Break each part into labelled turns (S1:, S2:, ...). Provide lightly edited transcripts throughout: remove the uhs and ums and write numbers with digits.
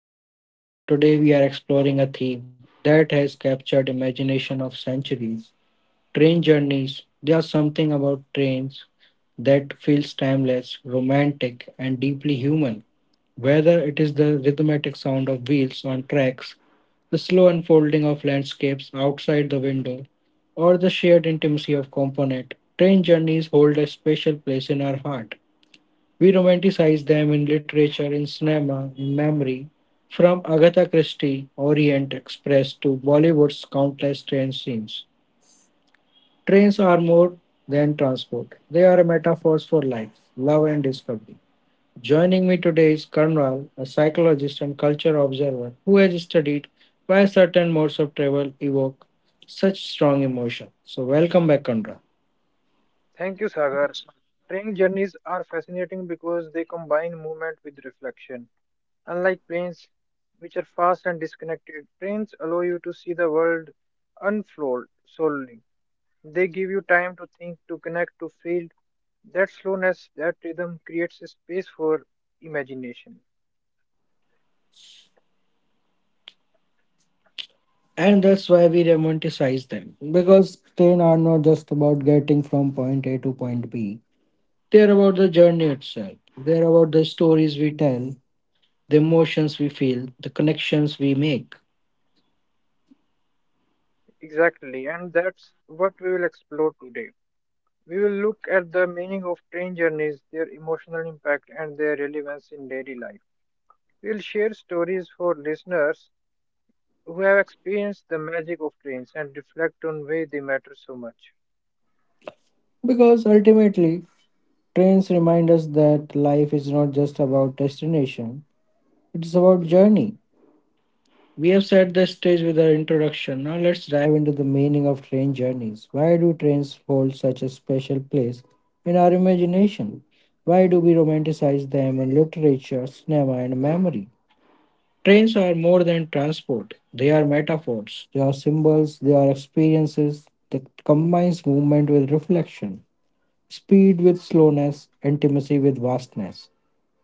S1: with Wiz. Today we are exploring a theme that has captured imagination of centuries. Train journeys. There is something about trains that feels timeless, romantic, and deeply human. Whether it is the rhythmic sound of wheels on tracks, the slow unfolding of landscapes outside the window, or the shared intimacy of component, train journeys hold a special place in our heart. We romanticize them in literature, in cinema, in memory. From Agatha Christie, Orient Express to Bollywood's countless train scenes. Trains are more than transport, they are metaphors for life, love, and discovery. Joining me today is Karnwal, a psychologist and culture observer who has studied why certain modes of travel evoke such strong emotion. So, welcome back, Karnwal.
S2: Thank you, Sagar. Train journeys are fascinating because they combine movement with reflection. Unlike planes, which are fast and disconnected, trains allow you to see the world unfold slowly. They give you time to think, to connect, to feel. That slowness, that rhythm creates a space for imagination.
S1: And that's why we romanticize them. Because train are not just about getting from point A to point B. They're about the journey itself. They're about the stories we tell, the emotions we feel, the connections we make.
S2: Exactly, and that's what we will explore today. We will look at the meaning of train journeys, their emotional impact, and their relevance in daily life. We'll share stories for listeners who have experienced the magic of trains and reflect on why they matter so much.
S1: Because ultimately, trains remind us that life is not just about destination, it's about journey. We have set the stage with our introduction. Now let's dive into the meaning of train journeys. Why do trains hold such a special place in our imagination? Why do we romanticize them in literature, cinema, and memory? Trains are more than transport. They are metaphors. They are symbols. They are experiences. That combines movement with reflection, speed with slowness, intimacy with vastness.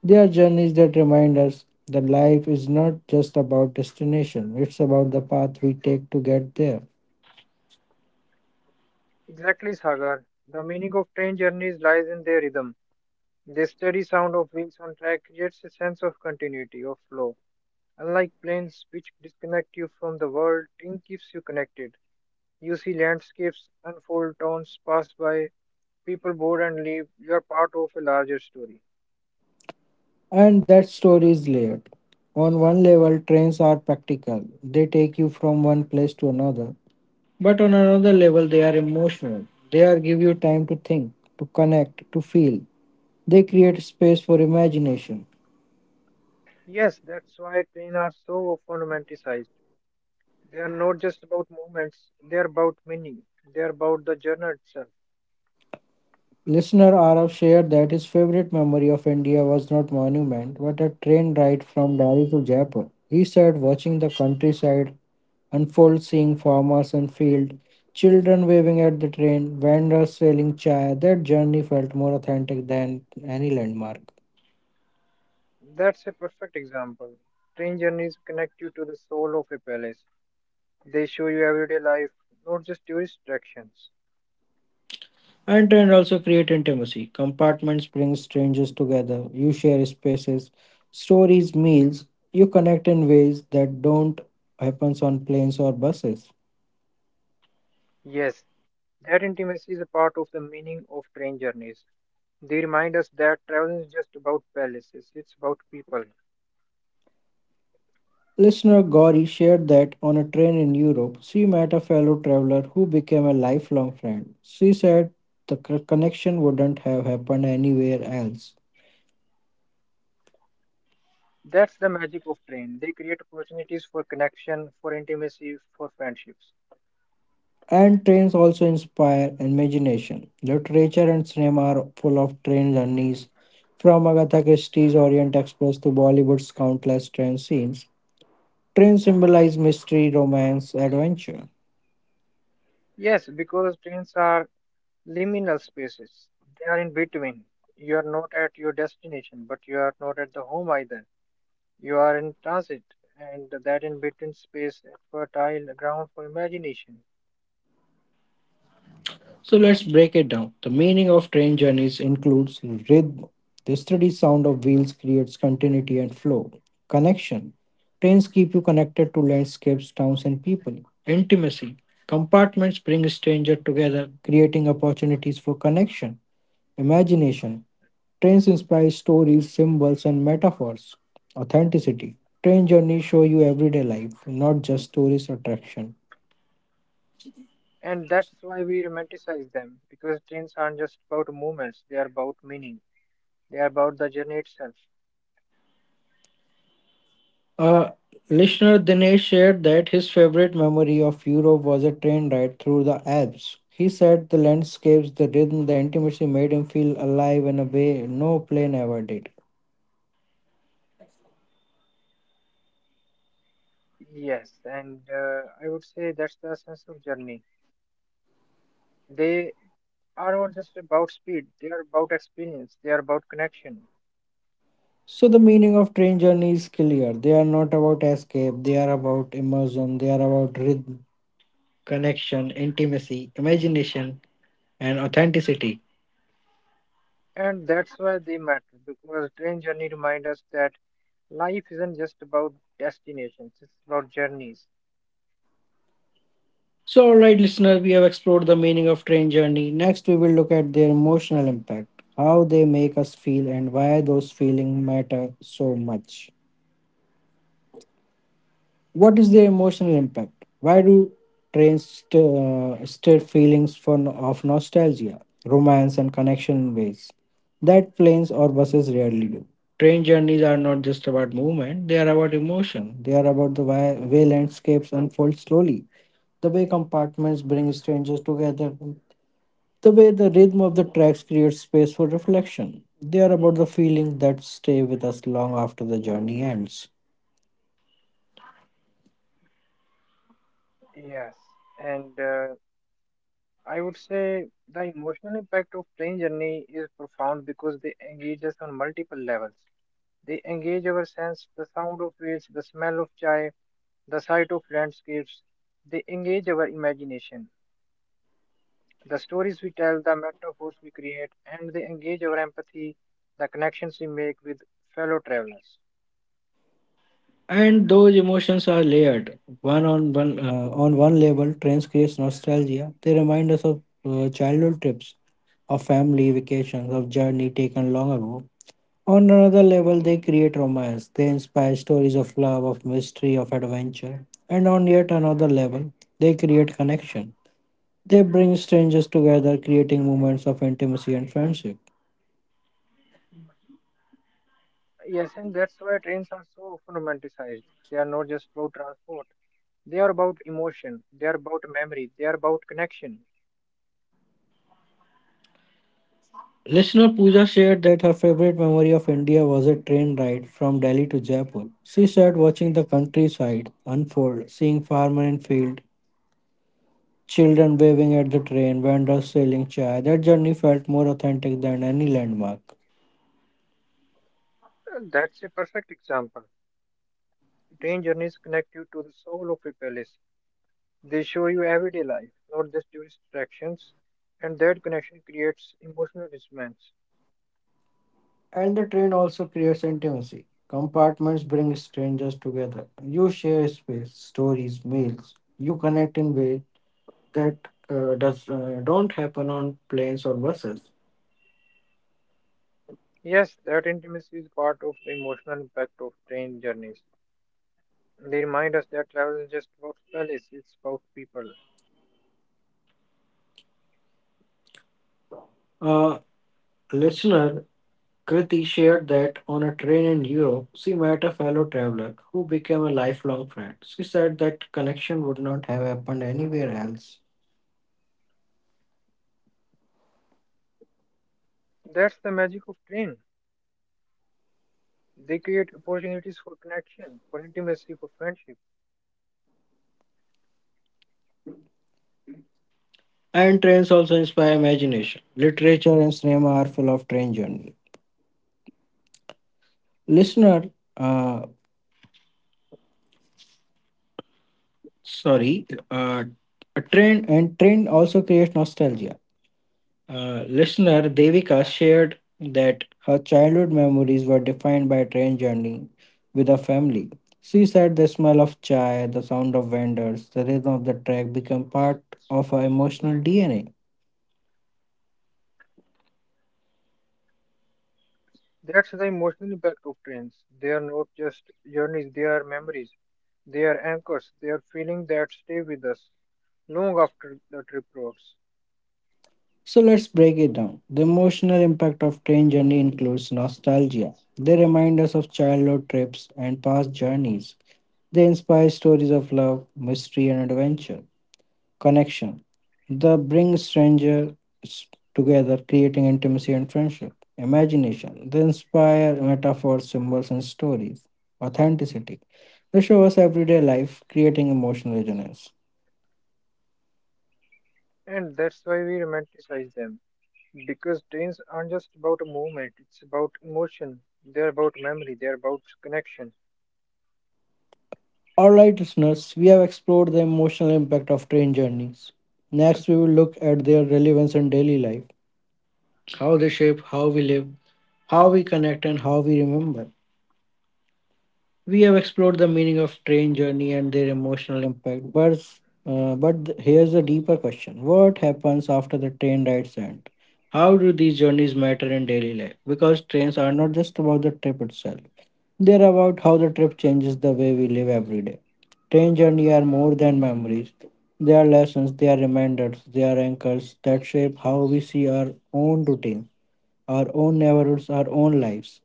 S1: They are journeys that remind us that life is not just about destination, it's about the path we take to get there.
S2: Exactly, Sagar. The meaning of train journeys lies in their rhythm. The steady sound of wheels on track creates a sense of continuity, of flow. Unlike planes, which disconnect you from the world, train keeps you connected. You see landscapes unfold, towns pass by, people board and leave. You are part of a larger story.
S1: And that story is layered. On one level, trains are practical, they take you from one place to another. But on another level, they are emotional. They are give you time to think, to connect, to feel. They create space for imagination.
S2: Yes, that's why trains are so often romanticized. They are not just about moments. They are about meaning, they are about the journey itself.
S1: Listener Arav shared that his favorite memory of India was not monument, but a train ride from Delhi to Jaipur. He said watching the countryside unfold, seeing farmers and field, children waving at the train, vendors selling chai. That journey felt more authentic than any landmark.
S2: That's a perfect example. Train journeys connect you to the soul of a palace. They show you everyday life, not just tourist attractions.
S1: And train also create intimacy. Compartments bring strangers together. You share spaces, stories, meals. You connect in ways that don't happens on planes or buses.
S2: Yes, that intimacy is a part of the meaning of train journeys. They remind us that travel is just about palaces, it's about people.
S1: Listener Gauri shared that on a train in Europe, she met a fellow traveler who became a lifelong friend. She said the connection wouldn't have happened anywhere else.
S2: That's the magic of train. They create opportunities for connection, for intimacy, for friendships.
S1: And trains also inspire imagination. Literature and cinema are full of train journeys. From Agatha Christie's Orient Express to Bollywood's countless train scenes, trains symbolize mystery, romance, adventure.
S2: Yes, because trains are liminal spaces. They are in between. You are not at your destination, but you are not at the home either. You are in transit, and that in between space is fertile ground for imagination.
S1: So let's break it down. The meaning of train journeys includes rhythm. The steady sound of wheels creates continuity and flow. Connection. Trains keep you connected to landscapes, towns, and people. Intimacy. Compartments bring strangers together, creating opportunities for connection. Imagination. Trains inspire stories, symbols, and metaphors. Authenticity. Train journeys show you everyday life, not just tourist attraction.
S2: And that's why we romanticize them, because trains aren't just about moments; they are about meaning, they are about the journey itself.
S1: Uh, Listener Dinesh shared that his favorite memory of Europe was a train ride through the Alps. He said the landscapes, the rhythm, the intimacy made him feel alive in a way no plane ever did.
S2: Yes, and I would say that's the essence of journey. They are not just about speed, they are about experience, they are about connection.
S1: So, the meaning of train journey is clear. They are not about escape, they are about immersion, they are about rhythm, connection, intimacy, imagination, and authenticity.
S2: And that's why they matter because train journey remind us that life isn't just about destinations, it's about journeys.
S1: So, all right, listeners, we have explored the meaning of train journey. Next, we will look at their emotional impact, how they make us feel, and why those feelings matter so much. What is their emotional impact? Why do trains stir feelings for, no, of nostalgia, romance, and connection in ways that planes or buses rarely do? Train journeys are not just about movement, they are about emotion. They are about the way landscapes unfold slowly, the way compartments bring strangers together. The way the rhythm of the tracks creates space for reflection. They are about the feelings that stay with us long after the journey ends.
S2: Yes. And I would say the emotional impact of train journey is profound because they engage us on multiple levels. They engage our sense, the sound of wheels, the smell of chai, the sight of landscapes. They engage our imagination, the stories we tell, the metaphors we create, and they engage our empathy, the connections we make with fellow travelers.
S1: And those emotions are layered. One on one, on one level, trains creates nostalgia. They remind us of childhood trips, of family vacations, of journey taken long ago. On another level, they create romance. They inspire stories of love, of mystery, of adventure. And on yet another level, they create connection. They bring strangers together, creating moments of intimacy and friendship.
S2: Yes, and that's why trains are so romanticized. They are not just about transport. They are about emotion. They are about memory. They are about connection.
S1: Listener Pooja shared that her favorite memory of India was a train ride from Delhi to Jaipur. She said watching the countryside unfold, seeing farmers in field, children waving at the train, vendors selling chai. That journey felt more authentic than any landmark.
S2: That's a perfect example. Train journeys connect you to the soul of a palace. They show you everyday life, not just tourist attractions. And that connection creates emotional resonance.
S1: And the train also creates intimacy. Compartments bring strangers together. You share space, stories, meals. You connect in ways that does don't happen on planes or buses.
S2: Yes, that intimacy is part of the emotional impact of train journeys. They remind us that travel is just about palace, it's about people.
S1: A listener Kriti shared that on a train in Europe, she met a fellow traveler who became a lifelong friend. She said that connection would not have happened anywhere else.
S2: That's the magic of train. They create opportunities for connection, for intimacy, for friendship.
S1: And trains also inspire imagination. Literature and cinema are full of train journey. Listener, uh, sorry, a train and train also creates nostalgia. Listener Devika shared that her childhood memories were defined by train journey with her family. She said the smell of chai, the sound of vendors, the rhythm of the track became part of her emotional DNA.
S2: That's the emotional impact of trains. They are not just journeys, they are memories. They are anchors. They are feelings that stay with us long after the trip rolls.
S1: So let's break it down. The emotional impact of train journey includes nostalgia. They remind us of childhood trips and past journeys. They inspire stories of love, mystery, and adventure. Connection. The bring strangers together, creating intimacy and friendship. Imagination. They inspire metaphors, symbols, and stories. Authenticity. They show us everyday life, creating emotional resonance.
S2: And that's why we romanticize them. Because trains aren't just about a movement, it's about emotion. They're about memory, they're about connection.
S1: Alright, listeners, we have explored the emotional impact of train journeys. Next, we will look at their relevance in daily life, how they shape how we live, how we connect, and how we remember. We have explored the meaning of train journey and their emotional impact, but here's a deeper question: What happens after the train rides end? How do these journeys matter in daily life? Because trains are not just about the trip itself; they're about how the trip changes the way we live every day. Train journey are more than memories; they are lessons, they are reminders, they are anchors that shape how we see our own routine, our own neighborhoods, our own lives.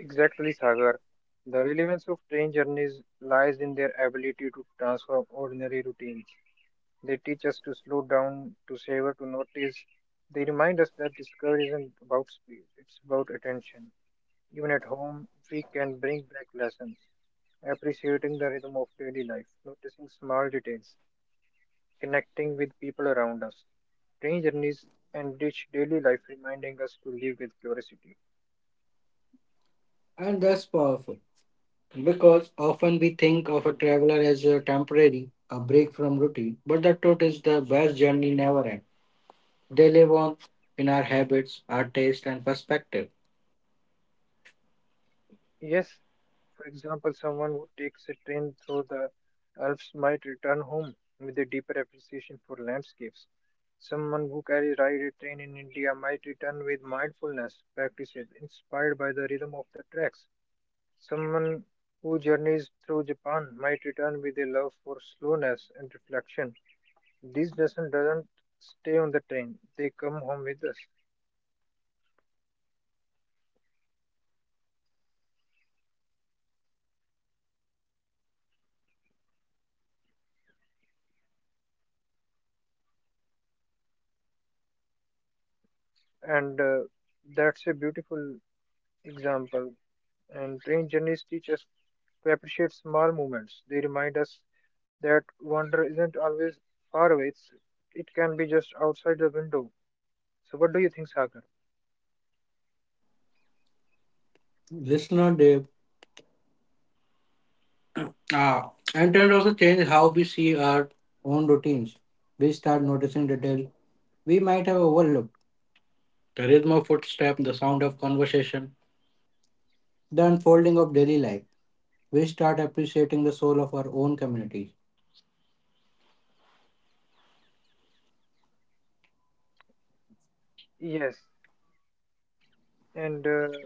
S2: Exactly, Sagar. The relevance of train journeys lies in their ability to transform ordinary routines. They teach us to slow down, to savor, to notice. They remind us that discovery isn't about speed, it's about attention. Even at home, we can bring back lessons, appreciating the rhythm of daily life, noticing small details, connecting with people around us. Train journeys enrich daily life, reminding us to live with curiosity.
S1: And that's powerful. Because often we think of a traveler as a temporary, a break from routine, but the truth is the best journey never ends. They live on in our habits, our taste, and perspective.
S2: Yes, for example, someone who takes a train through the Alps might return home with a deeper appreciation for landscapes. Someone who carries ride a train in India might return with mindfulness practices inspired by the rhythm of the tracks. Someone who journeys through Japan might return with a love for slowness and reflection. These lessons doesn't stay on the train; they come home with us, and that's a beautiful example. And train journeys teach us to appreciate small moments. They remind us that wonder isn't always far away, it can be just outside the window. So, what do you think, Sagar?
S1: Listener Dave. Ah, and trend also change how we see our own routines. We start noticing detail we might have overlooked. The rhythm of footstep, the sound of conversation, the unfolding of daily life. We start appreciating the soul of our own communities.
S2: Yes, and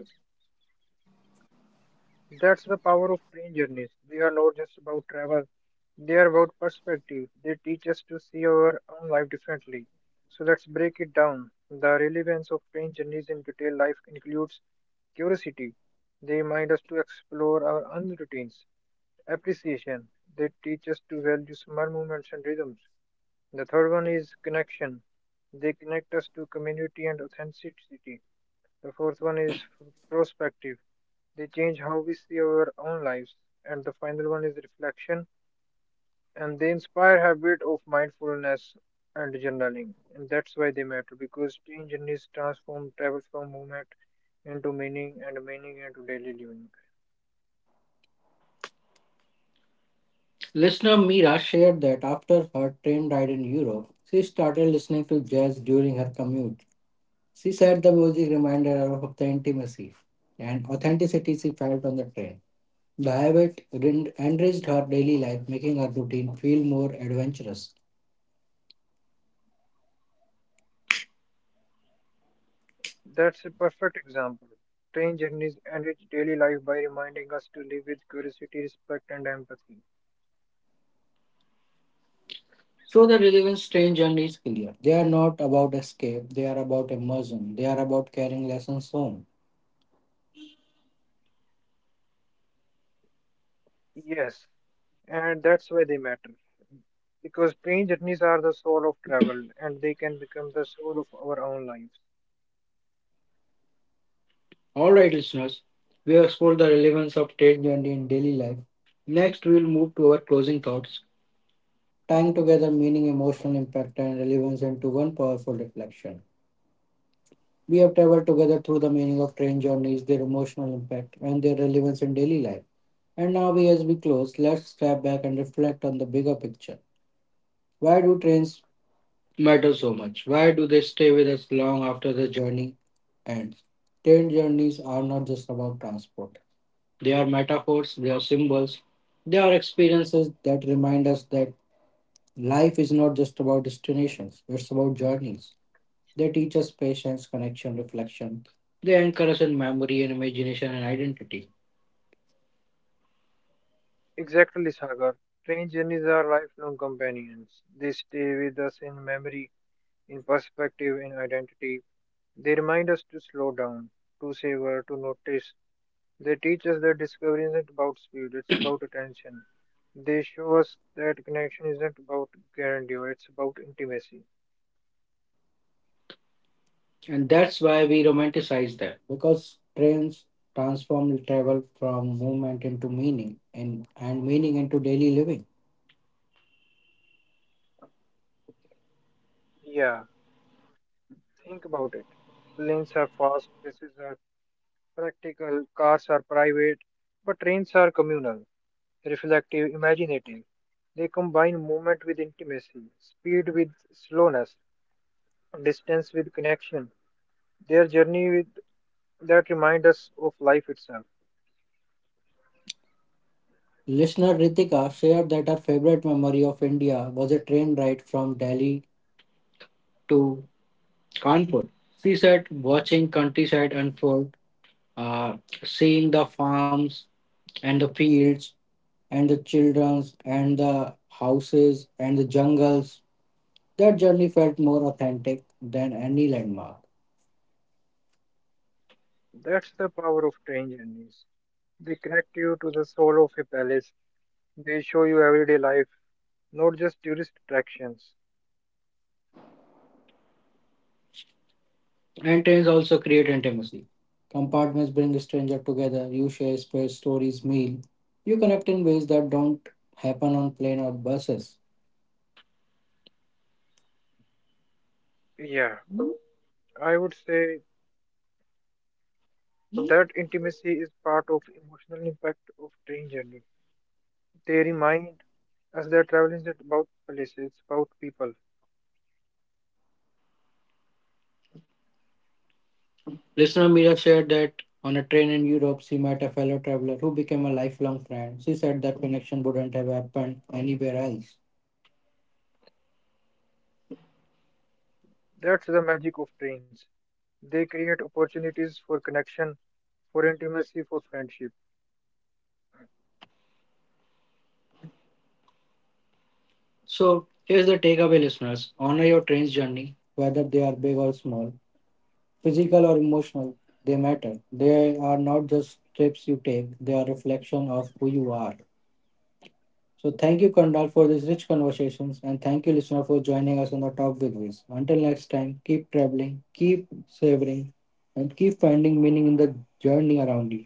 S2: that's the power of train journeys. They are not just about travel, they are about perspective. They teach us to see our own life differently. So let's break it down. The relevance of train journeys in retail life includes curiosity. They remind us to explore our own routines. Appreciation. They teach us to value small movements and rhythms. The third one is connection. They connect us to community and authenticity. The fourth one is perspective. They change how we see our own lives. And the final one is reflection. And they inspire habit of mindfulness and journaling. And that's why they matter because change needs transform travel from movement into meaning and meaning into daily living.
S1: Listener Mira shared that after her train ride in Europe, she started listening to jazz during her commute. She said the music reminded her of the intimacy and authenticity she felt on the train. The habit enriched her daily life, making her routine feel more adventurous.
S2: That's a perfect example. Train journeys enrich daily life by reminding us to live with curiosity, respect, and empathy.
S1: So the relevance train journey is clear. They are not about escape, they are about immersion, they are about carrying lessons home.
S2: Yes, and that's why they matter. Because train journeys are the soul of travel and they can become the soul of our own lives.
S1: Alright, listeners, we have explored the relevance of train journey in daily life. Next, we will move to our closing thoughts. Tying together meaning, emotional impact, and relevance into one powerful reflection. We have traveled together through the meaning of train journeys, their emotional impact, and their relevance in daily life. And now, as we close, let's step back and reflect on the bigger picture. Why do trains matter so much? Why do they stay with us long after the journey ends? Train journeys are not just about transport, they are metaphors, they are symbols, they are experiences that remind us that life is not just about destinations, it's about journeys. They teach us patience, connection, reflection. They anchor us in memory and imagination and identity.
S2: Exactly, Sagar. Train journeys are lifelong companions. They stay with us in memory, in perspective, in identity. They remind us to slow down, to savor, to notice. They teach us that discovery isn't about speed, it's about attention. They show us that connection isn't about grandeur, it's about intimacy.
S1: And that's why we romanticize them. Because trains transform travel from movement into meaning and meaning into daily living.
S2: Yeah, think about it. Planes are fast, buses are practical, cars are private, but trains are communal, reflective, imaginative. They combine movement with intimacy, speed with slowness, distance with connection. Their journey with, that remind us of life itself.
S1: Listener Ritika shared that her favorite memory of India was a train ride from Delhi to Kanpur. She said, watching countryside unfold, uh, seeing the farms, and the fields and the children's and the houses and the jungles. That journey felt more authentic than any landmark.
S2: That's the power of train journeys. They connect you to the soul of a palace. They show you everyday life, not just tourist attractions.
S1: And trains also create intimacy. Compartments bring a stranger together, you share space, stories, meal. You connect in ways that don't happen on plane or buses.
S2: Yeah, I would say that intimacy is part of emotional impact of train journey. They remind us that travel is not about places, about people.
S1: Listener Mira shared that on a train in Europe, she met a fellow traveler who became a lifelong friend. She said that connection wouldn't have happened anywhere else.
S2: That's the magic of trains. They create opportunities for connection, for intimacy, for friendship.
S1: So, here's the takeaway, listeners honor your train's journey, whether they are big or small, physical or emotional, they matter. They are not just trips you take, they are reflection of who you are. So, thank you, Kandal, for these rich conversations, and thank you, listener, for joining us on the Talk with Wiz. Until next time, keep traveling, keep savoring, and keep finding meaning in the journey around you.